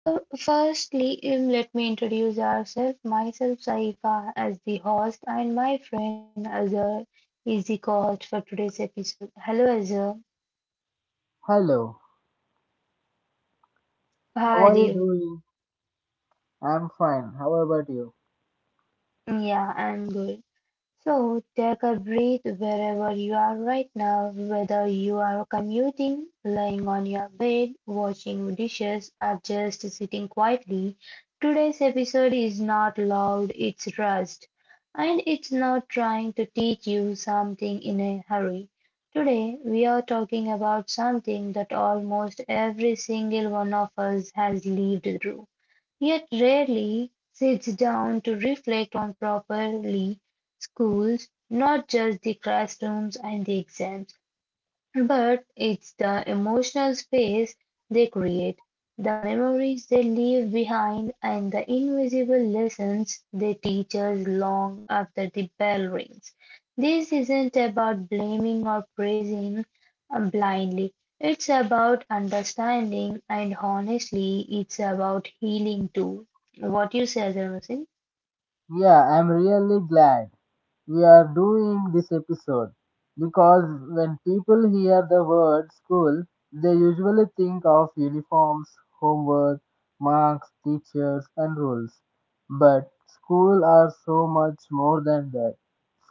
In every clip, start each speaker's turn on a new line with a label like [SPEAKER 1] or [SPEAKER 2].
[SPEAKER 1] So, firstly, let me introduce ourselves. Myself, Saifa, as the host, and my friend Azhar is the co-host for today's episode. Hello Azhar,
[SPEAKER 2] Hello,
[SPEAKER 1] how are
[SPEAKER 2] how are
[SPEAKER 1] you?
[SPEAKER 2] you doing? I'm fine. How about you?
[SPEAKER 1] Yeah, I'm good. So, take a breath wherever you are right now, whether you are commuting, lying on your bed, washing dishes, or just sitting quietly. Today's episode is not loud, it's rust. And it's not trying to teach you something in a hurry. Today, we are talking about something that almost every single one of us has lived through, yet rarely sits down to reflect on properly schools, not just the classrooms and the exams. But it's the emotional space they create, the memories they leave behind, and the invisible lessons they teach us long after the bell rings. This isn't about blaming or praising blindly. It's about understanding, and honestly, it's about healing too. What you say, Azhar Hussain?
[SPEAKER 2] Yeah, I'm really glad we are doing this episode because when people hear the word school, they usually think of uniforms, homework, marks, teachers, and rules. But schools are so much more than that.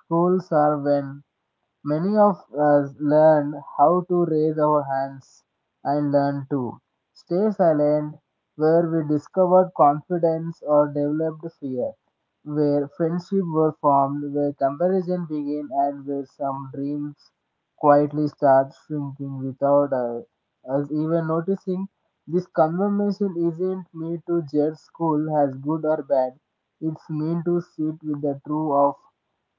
[SPEAKER 2] Schools are when many of us learned how to raise our hands and learn to stay silent, where we discovered confidence or developed fear, where friendship were formed, where comparison began, and where some dreams quietly start shrinking without us even noticing. This conversation isn't meant to judge school as good or bad. It's meant to sit with the truth of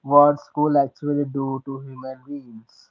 [SPEAKER 2] what school actually do to human beings.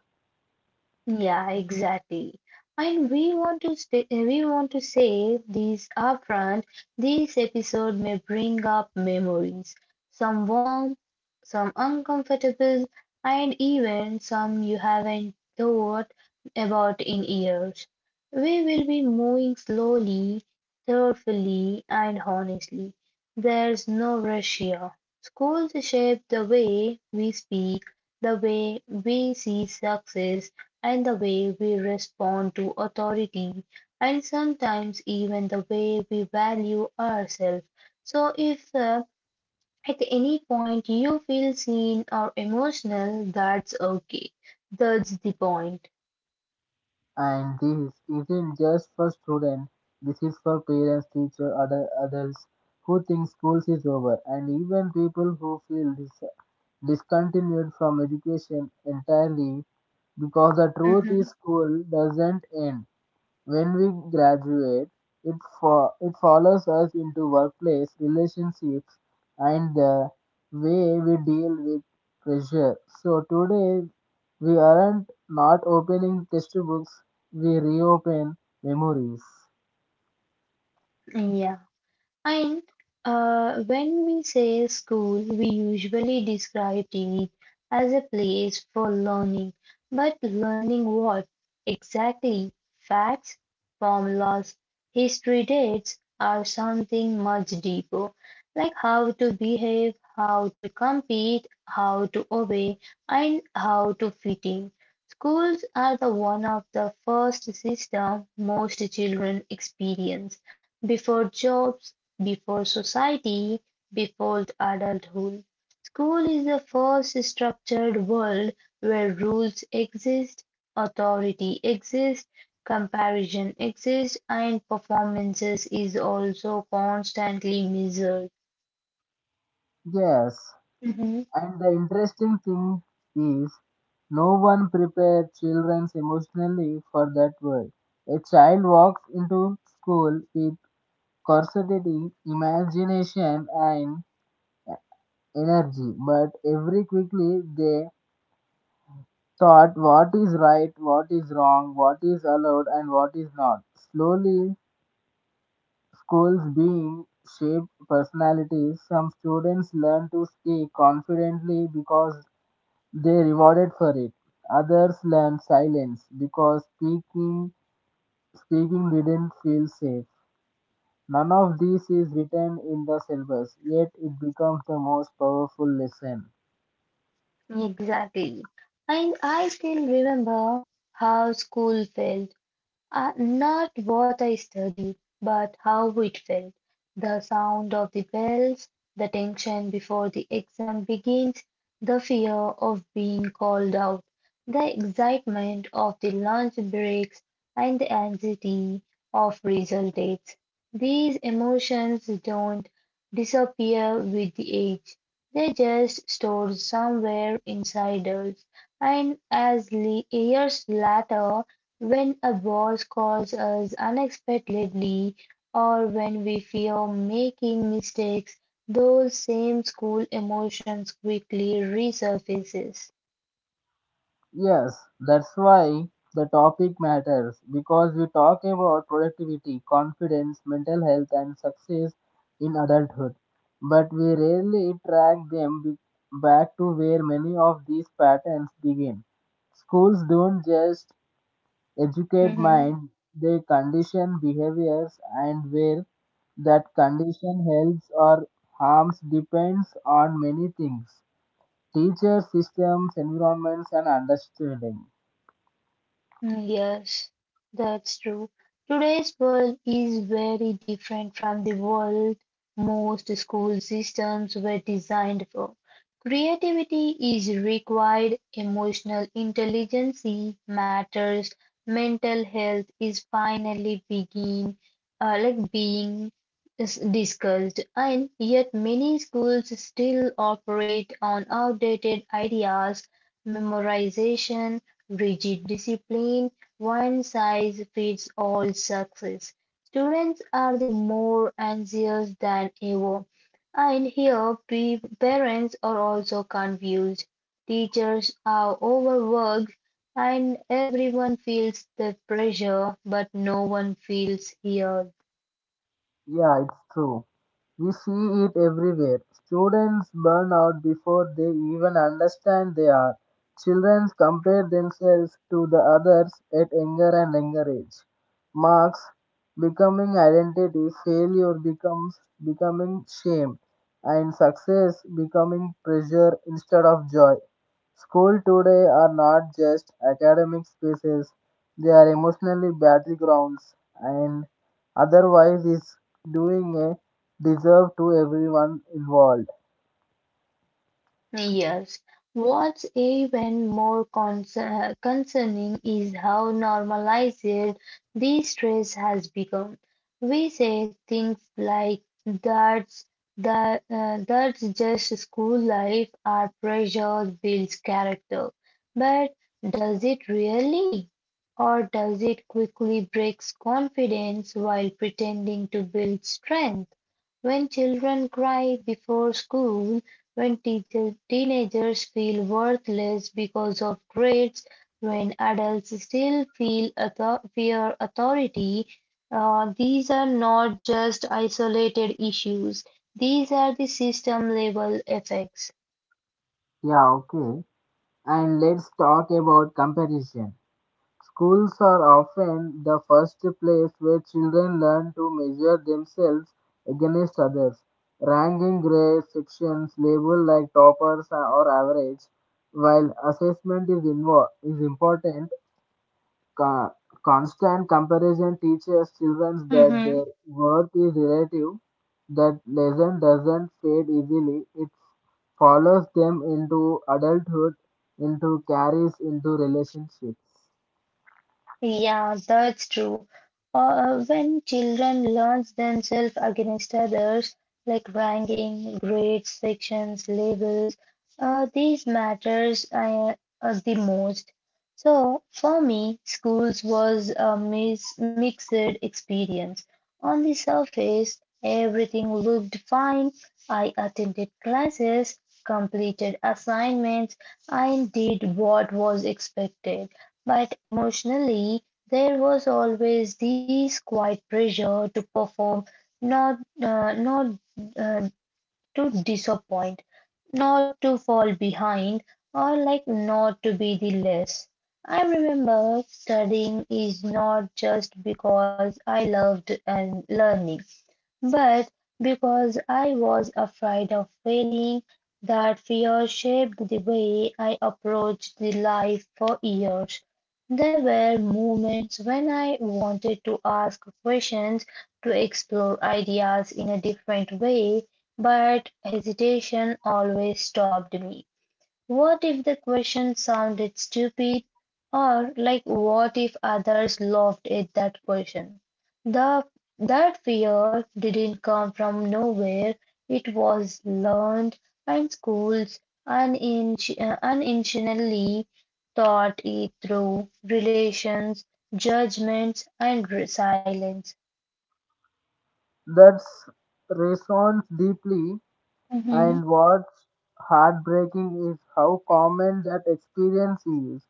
[SPEAKER 1] Yeah, exactly. And we want to say these upfront. This episode may bring up memories, some warm, some uncomfortable, and even some you haven't thought about in years. We will be moving slowly, thoughtfully, and honestly. There's no rush here. Schools shape the way we speak, the way we see success and the way we respond to authority, and sometimes even the way we value ourselves. So, if at any point you feel seen or emotional, that's okay. That's the point.
[SPEAKER 2] And this isn't just for students, this is for parents, teachers, other adults who think schools is over, and even people who feel discontinued from education entirely because the truth is
[SPEAKER 1] Mhm.
[SPEAKER 2] school doesn't end. When we graduate, it it follows us into workplace relationships and the way we deal with pressure. So today we aren't not opening textbooks, we reopen memories.
[SPEAKER 1] Yeah. And when we say school, we usually describe it as a place for learning. But learning what exactly? Facts, formulas, history dates are something much deeper, like how to behave, how to compete, how to obey, and how to fit in. Schools are the one of the first system most children experience before jobs, before society, before adulthood. School is the first structured world where rules exist, authority exists, comparison exists, and performances is also constantly measured.
[SPEAKER 2] Yes,
[SPEAKER 1] Mhm.
[SPEAKER 2] and the interesting thing is no one prepared children emotionally for that world. A child walks into school with curiosity, imagination, and energy, but every quickly they thought what is right, what is wrong, what is allowed, and what is not. Slowly, schools being shaped personalities. Some students learn to speak confidently because they rewarded for it, others learn silence because speaking didn't feel safe. None of this is written in the syllabus, yet it becomes the most powerful lesson.
[SPEAKER 1] Exactly. And I still remember how school felt. Not what I studied, but how it felt. The sound of the bells, the tension before the exam begins, the fear of being called out, the excitement of the lunch breaks, and the anxiety of result dates. These emotions don't disappear with the age they just stored somewhere inside us, and as years later, when a boss calls us unexpectedly or when we fear making mistakes, those same school emotions quickly resurfaces.
[SPEAKER 2] Yes, that's why the topic matters, because we talk about productivity, confidence, mental health, and success in adulthood, but we rarely track them back to where many of these patterns begin. Schools don't just educate
[SPEAKER 1] Mhm.
[SPEAKER 2] mind, they condition behaviors, and where that condition helps or harms depends on many things: teachers, systems, environments, and understanding.
[SPEAKER 1] Mm, yes, that's true. Today's world is very different from the world most school systems were designed for. Creativity is required, emotional intelligence matters, mental health is finally begin, like being is discussed, and yet many schools still operate on outdated ideas, memorization rigid discipline, one size fits all success. Students are the more anxious than ever. And here parents are also confused. Teachers are overworked and everyone feels the pressure, but no one feels here.
[SPEAKER 2] Yeah, it's true. We see it everywhere. Students burn out before they even understand they are. Children compare themselves to the others at younger and younger age. Marks becoming identity, failure becomes becoming shame, and success becoming pressure instead of joy. Schools today are not just academic spaces, they are emotionally battlegrounds, and otherwise is doing a deserve to everyone involved.
[SPEAKER 1] Yes. What's even more concerning is how normalized this stress has become. We say things like that's just school life our pressure builds character. But does it really? Or does it quickly breaks confidence while pretending to build strength? When children cry before school, when teenagers feel worthless because of grades, when adults still feel fear authority, these are not just isolated issues. These are the system level effects.
[SPEAKER 2] Yeah, okay. And let's talk about comparison. Schools are often the first place where children learn to measure themselves against others. Ranking grades, sections labeled like toppers or average, while assessment is important. Con- constant comparison teaches children that their worth is relative. That lesson doesn't fade easily, it follows them into adulthood, into carries into relationships.
[SPEAKER 1] Yeah, that's true. When children learn themselves against others, like ranking, grades, sections, labels, these matters the most. So for me, schools was a mixed experience. On the surface, everything looked fine. I attended classes, completed assignments, and did what was expected. But emotionally, there was always this quiet pressure to perform, not uh, to disappoint, not to fall behind, or like not to be the less. I remember studying is not just because I loved and learning. But because I was afraid of failing, that fear shaped the way I approached the life for years. There were moments when I wanted to ask questions, to explore ideas in a different way, but hesitation always stopped me. What if the question sounded stupid, or like what if others laughed at that question? The That fear didn't come from nowhere. It was learned, and schools unintentionally taught it through relations, judgments, and silence.
[SPEAKER 2] That's resonates deeply,
[SPEAKER 1] Mm-hmm.
[SPEAKER 2] and what's heartbreaking is how common that experience is.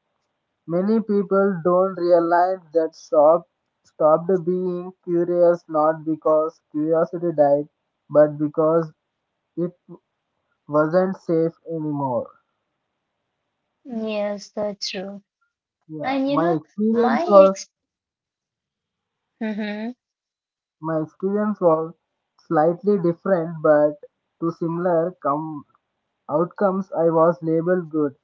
[SPEAKER 2] Many people don't realize that stopped being curious not because curiosity died, but because it wasn't safe anymore.
[SPEAKER 1] Yes, that's true.
[SPEAKER 2] Yeah,
[SPEAKER 1] And you
[SPEAKER 2] my
[SPEAKER 1] know,
[SPEAKER 2] experience
[SPEAKER 1] my
[SPEAKER 2] was
[SPEAKER 1] ex.
[SPEAKER 2] my experience was slightly different but too similar. Come Outcomes, I was labeled good.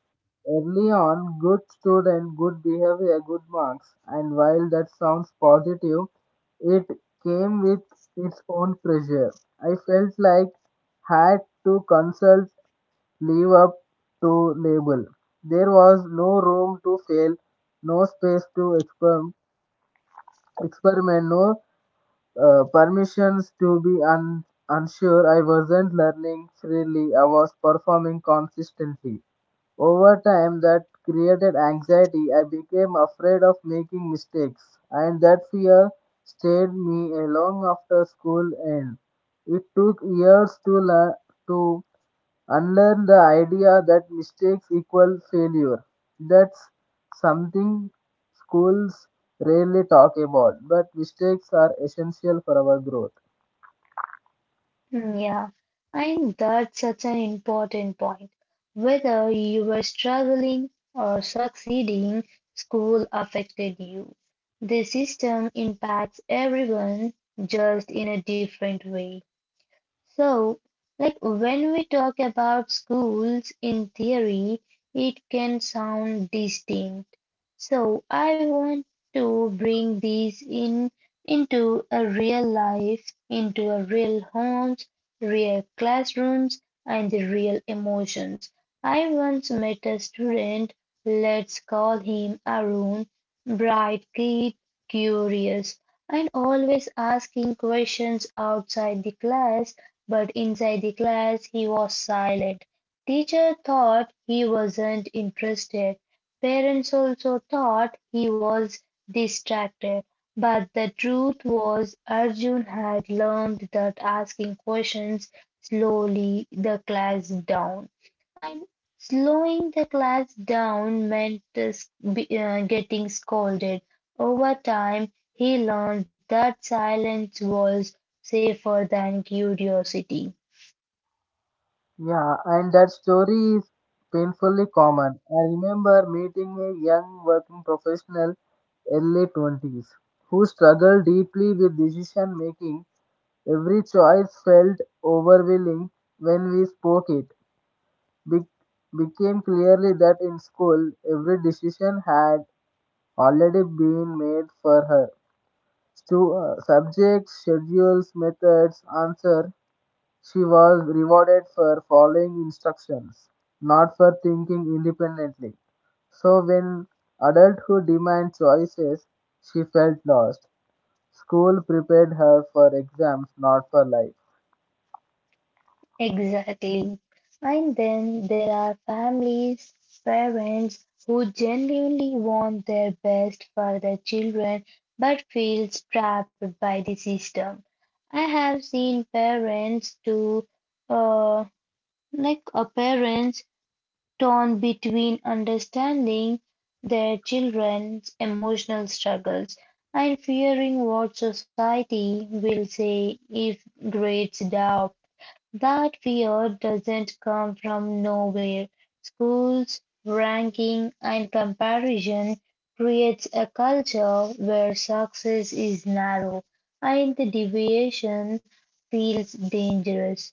[SPEAKER 2] Early on, good student, good behavior, good marks. And while that sounds positive, it came with its own pressure. I felt like had to consult live up to label. There was no room to fail, no space to experiment, no permissions to be unsure. I wasn't learning freely, I was performing consistently. Over time, that created anxiety. I became afraid of making mistakes, and that fear stayed me long after school end. It took years to learn to unlearn the idea that mistakes equal failure. That's something schools rarely talk about, but mistakes are essential for our growth.
[SPEAKER 1] Mm, yeah, and that's such an important point. Whether you were struggling or succeeding, school affected you. The system impacts everyone just in a different way. So, like when we talk about schools in theory, it can sound distinct. So I want to bring these in into a real life, into a real homes, real classrooms, and the real emotions. I once met a student, let's call him Arun, bright kid, curious, and always asking questions outside the class. But inside the class he was silent. Teacher thought he wasn't interested. Parents also thought he was distracted. But the truth was Arjun had learned that asking questions slowly the class down. And slowing the class down meant getting scolded. Over time, he learned that silence was safer than curiosity.
[SPEAKER 2] Yeah, and that story is painfully common. I remember meeting a young working professional, early 20s, who struggled deeply with decision making. Every choice felt overwhelming when we spoke it. Be- became clearly that in school every decision had already been made for her. Subjects, schedules, methods, answer. She was rewarded for following instructions, not for thinking independently. So when adulthood demands choices, she felt lost. School prepared her for exams, not for life.
[SPEAKER 1] Exactly. And then there are families, parents who genuinely want their best for their children but feel trapped by the system. I have seen parents to uh, like a parents torn between understanding their children's emotional struggles and fearing what society will say if grades drop, that fear doesn't come from nowhere. Schools, ranking, and comparison creates a culture where success is narrow and the deviation feels dangerous.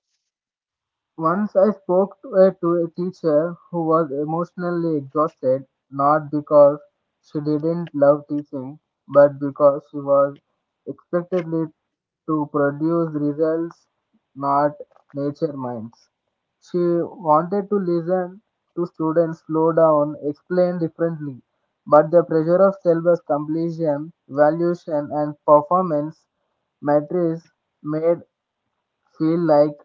[SPEAKER 2] Once I spoke to a teacher who was emotionally exhausted, not because she didn't love teaching, but because she was expectedly to produce results, not nature minds. She wanted to listen to students, slow down, explain differently, but the pressure of syllabus completion, valuation, and performance metrics made feel like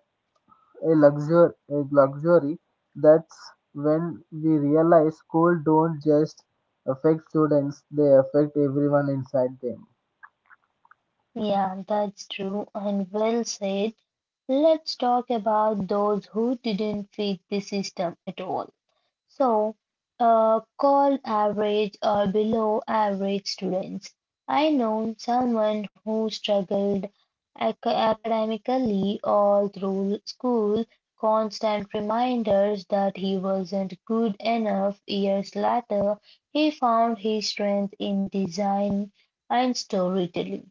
[SPEAKER 2] a luxury. That's when we realize school don't just affect students, they affect everyone inside them.
[SPEAKER 1] Yeah, that's true and well said. Let's talk about those who didn't fit the system at all. So, called average or below average students. I know someone who struggled ac- academically all through school, constant reminders that he wasn't good enough. Years later, he found his strength in design and storytelling.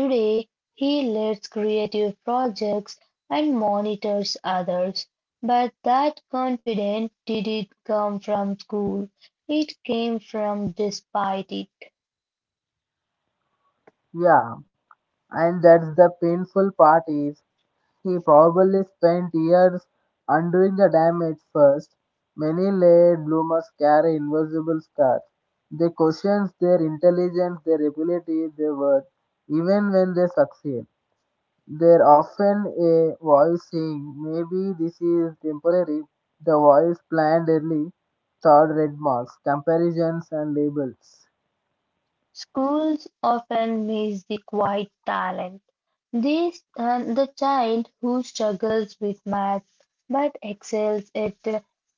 [SPEAKER 1] Today, he leads creative projects and monitors others, but that confidence didn't come from school, it came from despite it.
[SPEAKER 2] Yeah, and that's the painful part is he probably spent years undoing the damage first. Many late bloomers carry invisible scars, they question their intelligence, their ability, their worth, even when they succeed. There often a voice saying, maybe this is temporary. The voice planned early, thought red marks, comparisons, and labels.
[SPEAKER 1] Schools often miss the quiet talent, this, and the child who struggles with math but excels at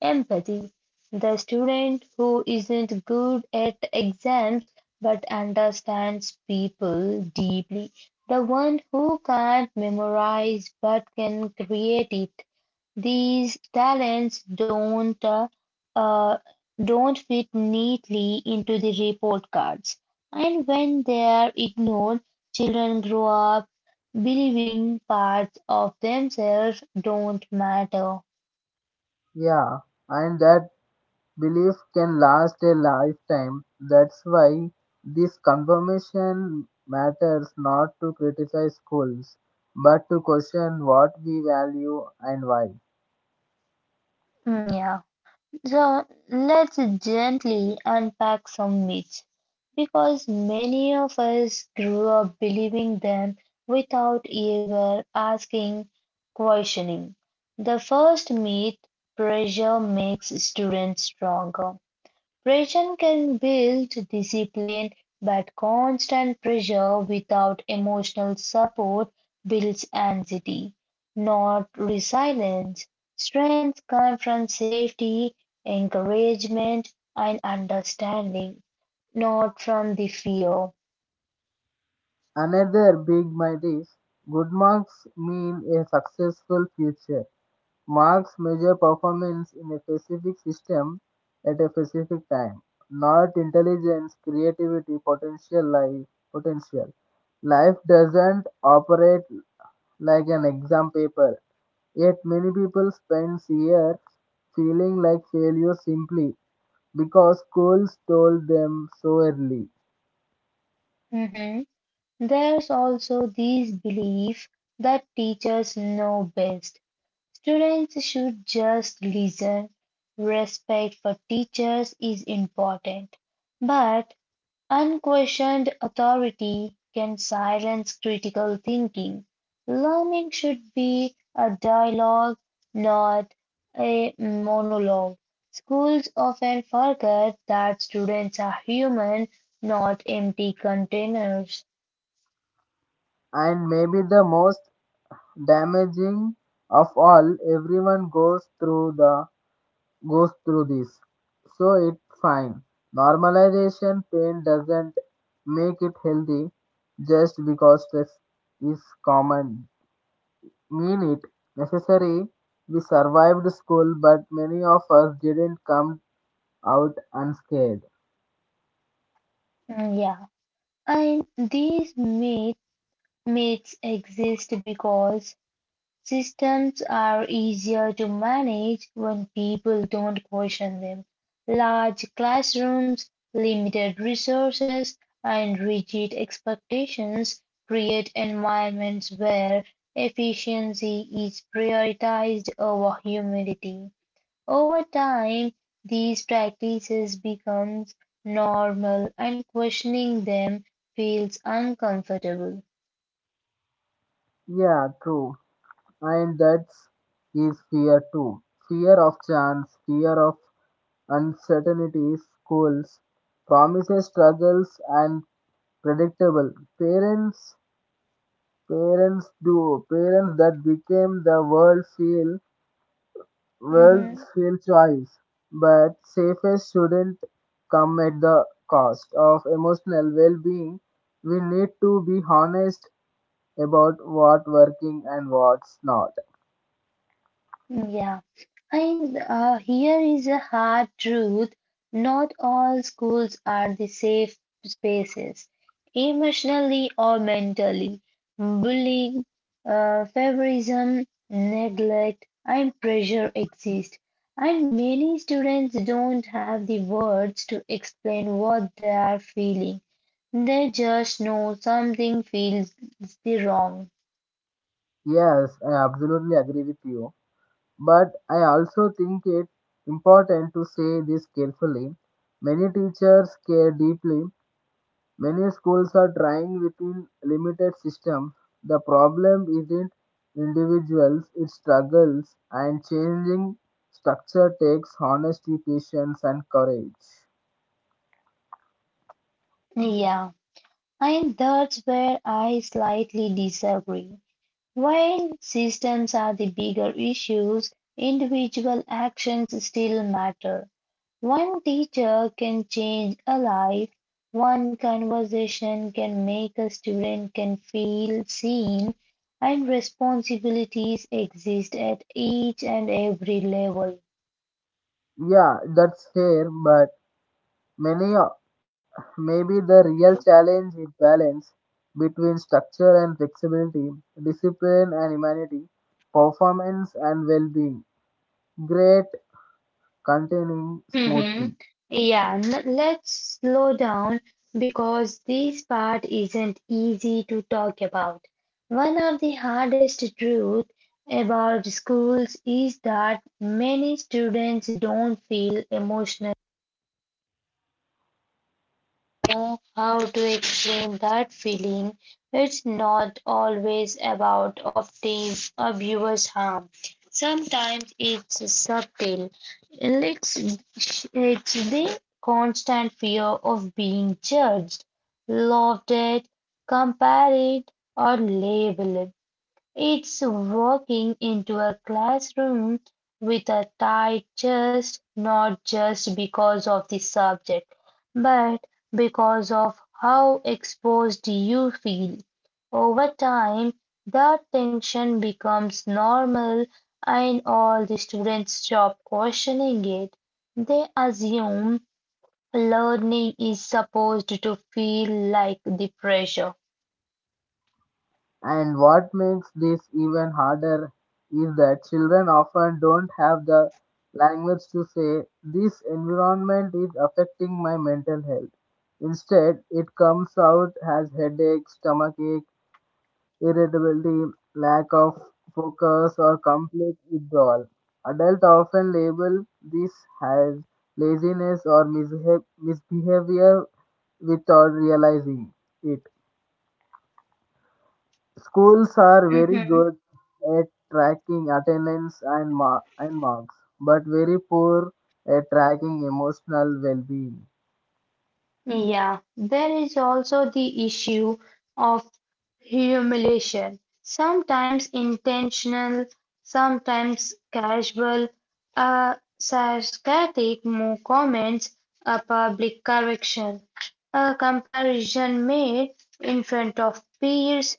[SPEAKER 1] empathy, the student who isn't good at exams but understands people deeply, the one who can't memorize but can create it. These talents uh, don't fit neatly into the report cards. And when they are ignored, children grow up believing parts of themselves don't matter.
[SPEAKER 2] Yeah, and that belief can last a lifetime. That's why this confirmation matters, not to criticize schools, but to question what we value and why.
[SPEAKER 1] Mm, yeah. So let's gently unpack some myths because many of us grew up believing them without ever asking, questioning. The first myth pressure makes students stronger. Pressure can build discipline, but constant pressure without emotional support builds anxiety, not resilience. Strength comes from safety, encouragement, and understanding, not from the fear.
[SPEAKER 2] Another big myth is good marks mean a successful future. Marks measure performance in a specific system at a specific time, not intelligence, creativity, potential. Life doesn't operate like an exam paper, yet many people spend years feeling like failures simply because schools told them so early.
[SPEAKER 1] Mhm. There's also this belief that teachers know best students should just listen. Respect for teachers is important, but unquestioned authority can silence critical thinking. Learning should be a dialogue, not a monologue. Schools often forget that students are human, not empty containers.
[SPEAKER 2] And maybe the most damaging of all, everyone goes through this. So it's fine. Normalization pain doesn't make it healthy just because stress is common. Mean it necessary. We survived school, but many of us didn't come out unscathed.
[SPEAKER 1] Mm, yeah, and myths exist because systems are easier to manage when people don't question them. Large classrooms, limited resources, and rigid expectations create environments where efficiency is prioritized over humanity. Over time, these practices become normal and questioning them feels uncomfortable.
[SPEAKER 2] Yeah, true. And that's is fear too. Fear of chance, fear of uncertainty, schools, promises, struggles, and predictable. Parents Parents do. Parents that became the world feel world's
[SPEAKER 1] Mhm.
[SPEAKER 2] feel choice. But safest shouldn't come at the cost of emotional well being. We need to be honest about what working and what's not.
[SPEAKER 1] Yeah. And here is a hard truth not all schools are the safe spaces, emotionally or mentally. Bullying, favorism, neglect, and pressure exist. And many students don't have the words to explain what they are feeling. They just know something feels the wrong.
[SPEAKER 2] Yes, I absolutely agree with you. But I also think it important to say this carefully. Many teachers care deeply. Many schools are trying within limited system. The problem isn't individuals, it struggles, and changing structure takes honesty, patience and courage.
[SPEAKER 1] Yeah, and that's where I slightly disagree. While systems are the bigger issues, individual actions still matter. One teacher can change a life, one conversation can make a student can feel seen, and responsibilities exist at each and every level.
[SPEAKER 2] Yeah, that's fair, but many o- maybe the real challenge is balance between structure and flexibility, discipline and humanity, performance and well-being. Great continuing
[SPEAKER 1] Hmm.
[SPEAKER 2] smoothly.
[SPEAKER 1] Yeah, let's slow down because this part isn't easy to talk about. One of the hardest truths about schools is that many students don't feel emotional. Know how to explain that feeling. It's not always about opting abuse harm. Sometimes it's subtle, it's the constant fear of being judged, loved it, compared, or labeled. It's walking into a classroom with a tight chest, not just because of the subject, but because of how exposed you feel. Over time, that tension becomes normal, and all the students stop questioning it. They assume learning is supposed to feel like the pressure.
[SPEAKER 2] And what makes this even harder is that children often don't have the language to say, this environment is affecting my mental health. Instead, it comes out as headache, stomachache, irritability, lack of focus, or complete withdrawal. Adults often label this as laziness or misbehavior without realizing it. Schools are very good at tracking attendance and marks, but very poor at tracking emotional well being.
[SPEAKER 1] Yeah, there is also the issue of humiliation, sometimes intentional, sometimes casual, uh, sarcastic comments, a public correction, a comparison made in front of peers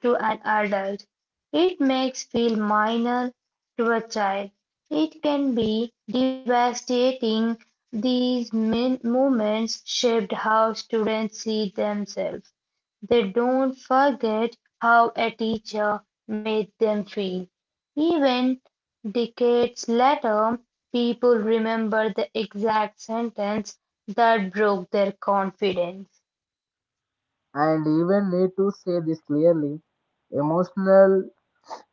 [SPEAKER 1] to an adult. It makes feel minor to a child. It can be devastating these movements shaped how students see themselves; they don't forget how a teacher made them feel. Even decades later, people remember the exact sentence that broke their confidence.
[SPEAKER 2] And even need to say this clearly, emotional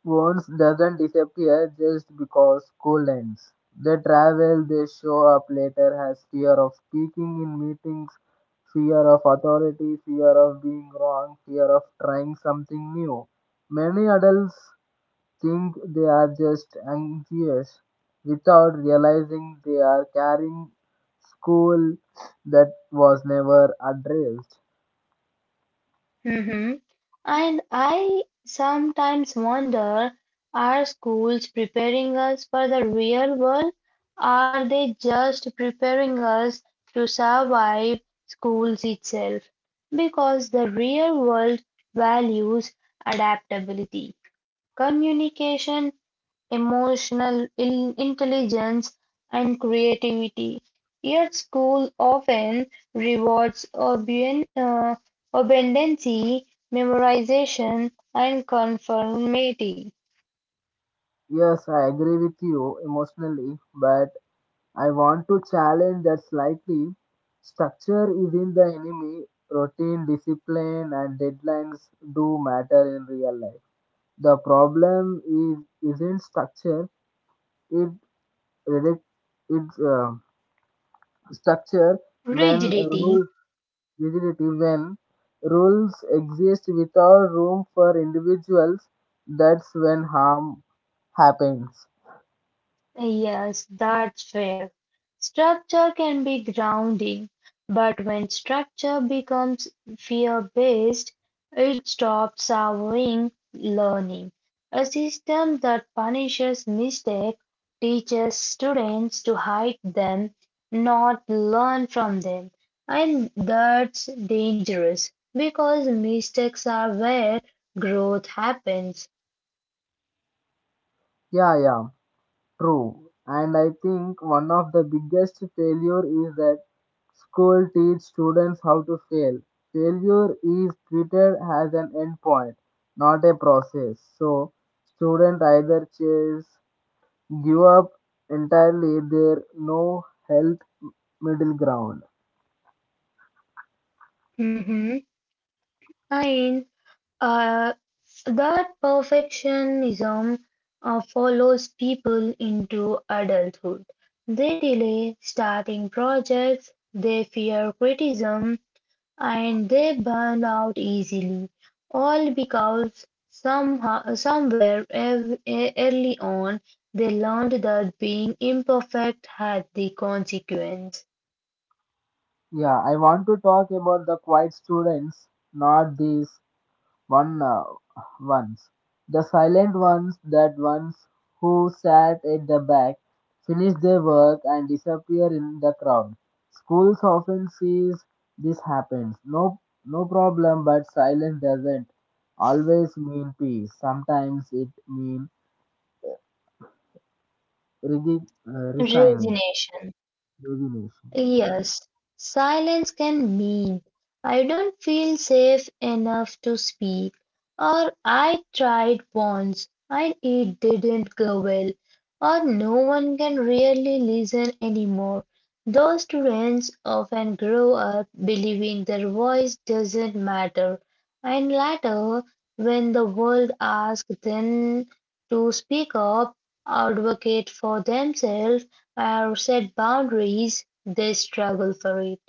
[SPEAKER 2] wounds doesn't disappear just because school ends. They travel, they show up later as fear of speaking in meetings, fear of authority, fear of being wrong, fear of trying something new. Many adults think they are just anxious without realizing they are carrying school that was never addressed.
[SPEAKER 1] Hmm. And I sometimes wonder, are schools preparing us for the real world? Are they just preparing us to survive schools itself? Because the real world values adaptability. Communication, emotional intelligence, and creativity. Yet school often rewards obedien- uh, obedience, memorization, and conformity,
[SPEAKER 2] Yes, I agree with you emotionally, but I want to challenge that slightly. Structure isn't the enemy, routine, discipline, and deadlines do matter in real life. The problem is isn't structure, it, reduc- it's structure when
[SPEAKER 1] rigidity.
[SPEAKER 2] rule rigidity, when rules exist without room for individuals, that's when harm happens.
[SPEAKER 1] Yes, that's fair. Structure can be grounding, but when structure becomes fear-based, it stops allowing learning. A system that punishes mistakes teaches students to hide them, not learn from them. And that's dangerous because mistakes are where growth happens.
[SPEAKER 2] Yeah, yeah, true. And I think one of the biggest failure is that school teach students how to fail. Failure is treated as an endpoint, not a process, so student either chase give up entirely, there no health middle ground.
[SPEAKER 1] Mhm. And Uh, that perfectionism follows people into adulthood. They delay starting projects, they fear criticism, and they burn out easily, all because somehow, somewhere early on they learned that being imperfect had the consequence.
[SPEAKER 2] Yeah, I want to talk about the quiet students, not these one uh, ones. The silent ones, that ones who sat at the back, finished their work and disappear in the crowd. Schools often sees this happens. No, no problem, but silence doesn't always mean peace. Sometimes it means resigning,
[SPEAKER 1] Resignation.
[SPEAKER 2] resignation.
[SPEAKER 1] Yes, silence can mean I don't feel safe enough to speak, or I tried once and it didn't go well, or no one can really listen anymore. Those students often grow up believing their voice doesn't matter, and later, when the world asks them to speak up, advocate for themselves or set boundaries, they struggle for it.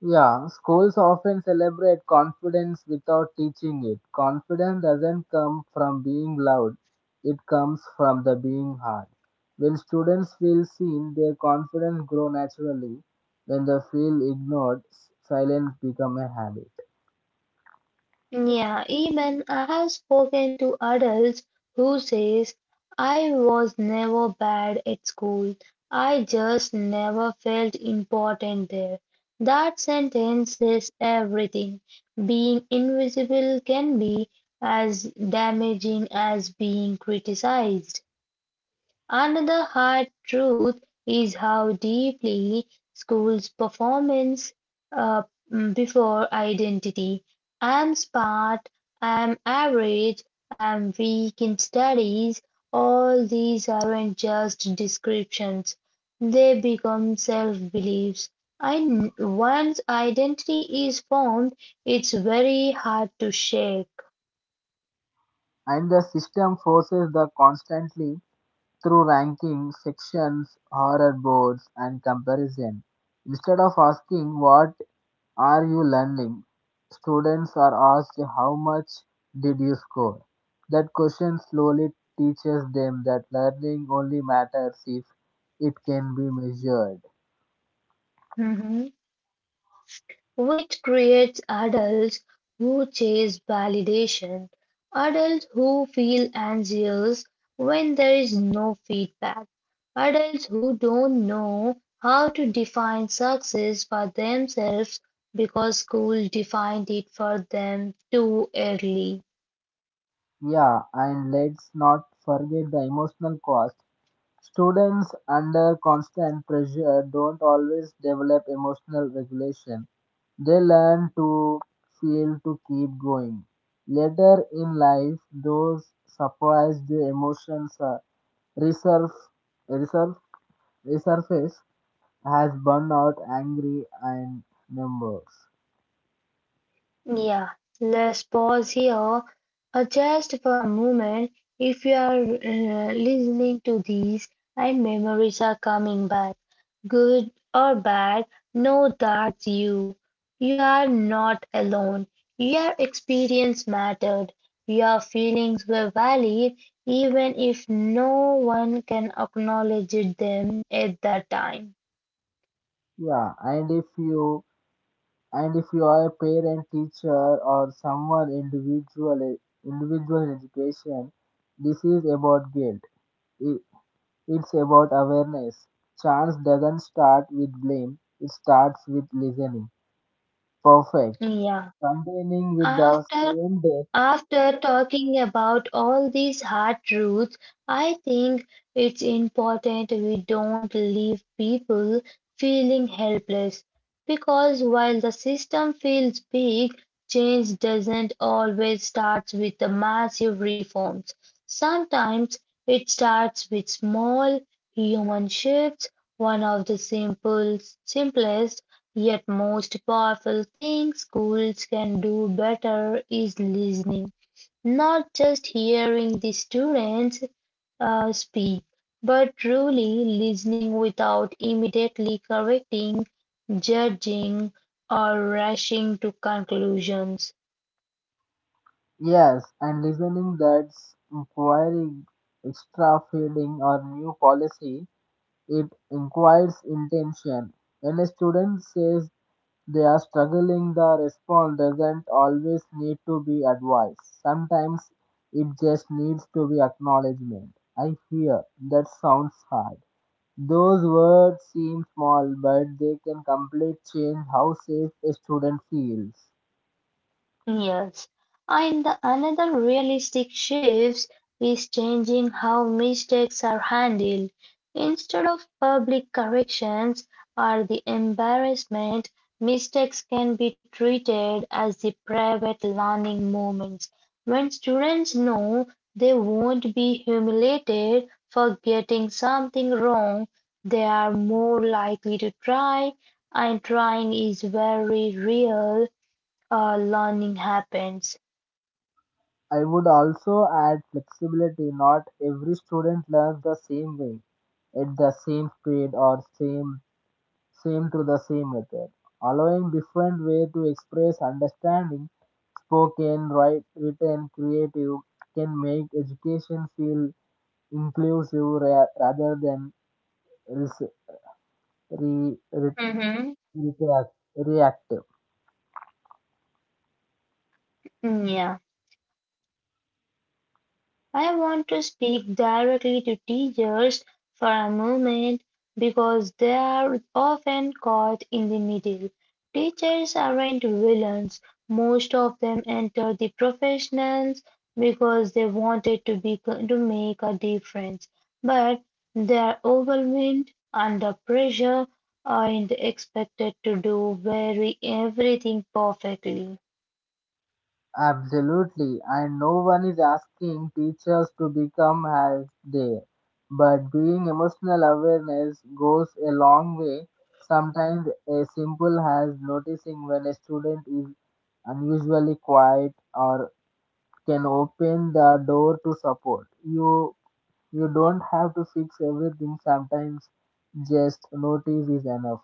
[SPEAKER 2] Yeah, schools often celebrate confidence without teaching it. Confidence doesn't come from being loud, it comes from the being hard. When students feel seen, their confidence grows naturally. When they feel ignored, silence becomes a habit.
[SPEAKER 1] Yeah, even I have spoken to adults who says I was never bad at school. I just never felt important there. That sentence says everything. Being invisible can be as damaging as being criticized. Another hard truth is how deeply schools' performance uh, before identity. I'm smart, I'm average, I'm weak in studies, all these aren't just descriptions. They become self beliefs. And once identity is formed, it's very hard to shake.
[SPEAKER 2] And the system forces the constantly through ranking, sections, horror boards, and comparison. Instead of asking, what are you learning? Students are asked, how much did you score? That question slowly teaches them that learning only matters if it can be measured.
[SPEAKER 1] Mhm. Which creates adults who chase validation, adults who feel anxious when there is no feedback, adults who don't know how to define success for themselves because school defined it for them too early.
[SPEAKER 2] Yeah, and let's not forget the emotional cost. Students under constant pressure don't always develop emotional regulation. They learn to feel to keep going. Later in life, those suppressed emotions are Resurf, resurf, resurface has burned out, angry, and numbers.
[SPEAKER 1] Yeah, let's pause here just for a moment. If you are listening to these and memories are coming back, good or bad, know that's you. You are not alone. Your experience mattered. Your feelings were valid, even if no one can acknowledge them at that time.
[SPEAKER 2] Yeah, and if you are a parent, teacher, or someone individual education, this is about guilt. I- It's about awareness. Chance doesn't start with blame; it starts with listening. Perfect.
[SPEAKER 1] Yeah.
[SPEAKER 2] Containing with the
[SPEAKER 1] After
[SPEAKER 2] same day.
[SPEAKER 1] After talking about all these hard truths, I think it's important we don't leave people feeling helpless because while the system feels big, change doesn't always start with the massive reforms. Sometimes it starts with small human shifts. One of the simplest yet most powerful thing schools can do better is listening. Not just hearing the students speak, but truly listening without immediately correcting, judging, or rushing to conclusions.
[SPEAKER 2] Yes, and listening that's inquiring, extra feeding or new policy, it inquires intention. When a student says they are struggling, the response doesn't always need to be advice. Sometimes it just needs to be acknowledgement. I hear that sounds hard. Those words seem small, but they can completely change how safe a student feels.
[SPEAKER 1] Yes. And the- another realistic shift is changing how mistakes are handled. Instead of public corrections or the embarrassment, mistakes can be treated as the private learning moments. When students know they won't be humiliated for getting something wrong, they are more likely to try, and trying is very real learning happens.
[SPEAKER 2] I would also add flexibility. Not every student learns the same way, at the same speed or same through the same method. Allowing different way to express understanding, spoken, write, written, creative, can make education feel inclusive rather than res- re- re-
[SPEAKER 1] Mm-hmm.
[SPEAKER 2] reactive.
[SPEAKER 1] Yeah, I want to speak directly to teachers for a moment because they are often caught in the middle. Teachers aren't villains. Most of them entered the professions because they wanted to be to make a difference, but they are overwhelmed, under pressure, and expected to do very everything perfectly.
[SPEAKER 2] Absolutely, and no one is asking teachers to become as they, but being emotional awareness goes a long way. Sometimes a simple as noticing when a student is unusually quiet or can open the door to support. You don't have to fix everything. Sometimes just notice is enough.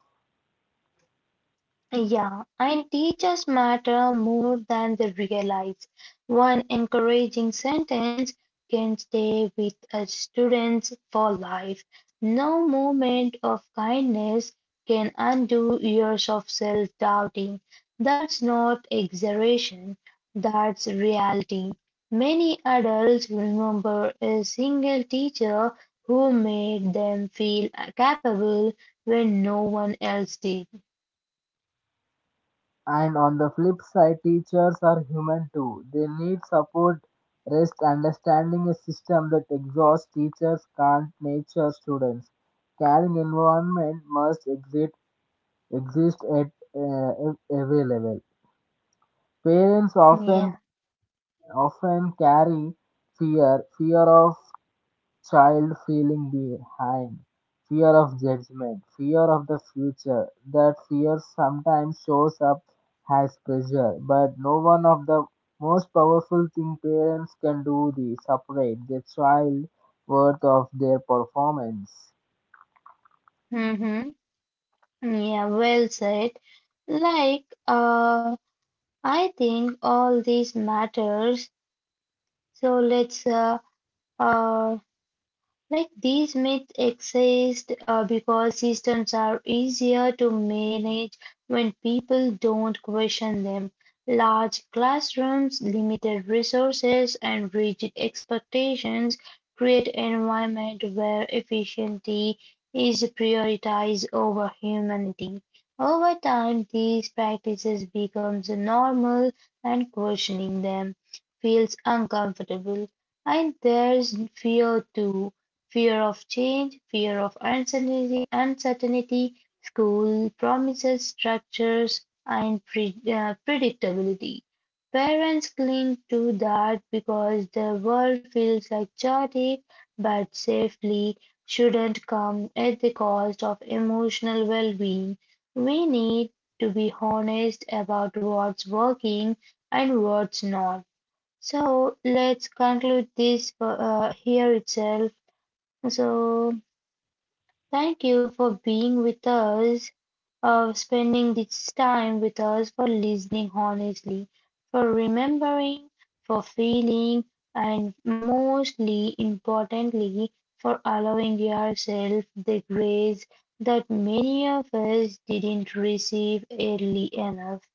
[SPEAKER 1] Yeah, and teachers matter more than they realize. One encouraging sentence can stay with a student for life. No moment of kindness can undo years of self-doubting. That's not exaggeration, that's reality. Many adults remember a single teacher who made them feel capable when no one else did.
[SPEAKER 2] And on the flip side, teachers are human too. They need support, rest, understanding a system that exhausts teachers can't nature students. Caring environment must exist at every level. Parents
[SPEAKER 1] Yeah.
[SPEAKER 2] often carry fear of child feeling behind, fear of judgment, fear of the future. That fear sometimes shows up as pressure, but no one of the most powerful thing parents can do the separate the child worth of their performance.
[SPEAKER 1] Mm-hmm. Yeah, well said. Like, uh, I think all this matters. So let's uh, Like these myths exist because systems are easier to manage when people don't question them. Large classrooms, limited resources, and rigid expectations create an environment where efficiency is prioritized over humanity. Over time, these practices becomes normal and questioning them feels uncomfortable. And there's fear too, fear of change, fear of uncertainty. School promises structures and predictability. Parents cling to that because the world feels like chaotic, but safely shouldn't come at the cost of emotional well being. We need to be honest about what's working and what's not. So let's conclude this here itself. So, thank you for being with us, spending this time with us, for listening honestly, for remembering, for feeling, and mostly importantly, for allowing yourself the grace that many of us didn't receive early enough.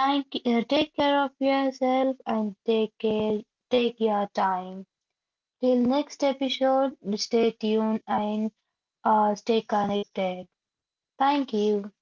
[SPEAKER 1] Thank you. Take care of yourself and take care. Take your time. Till next episode, stay tuned and stay connected. Thank you.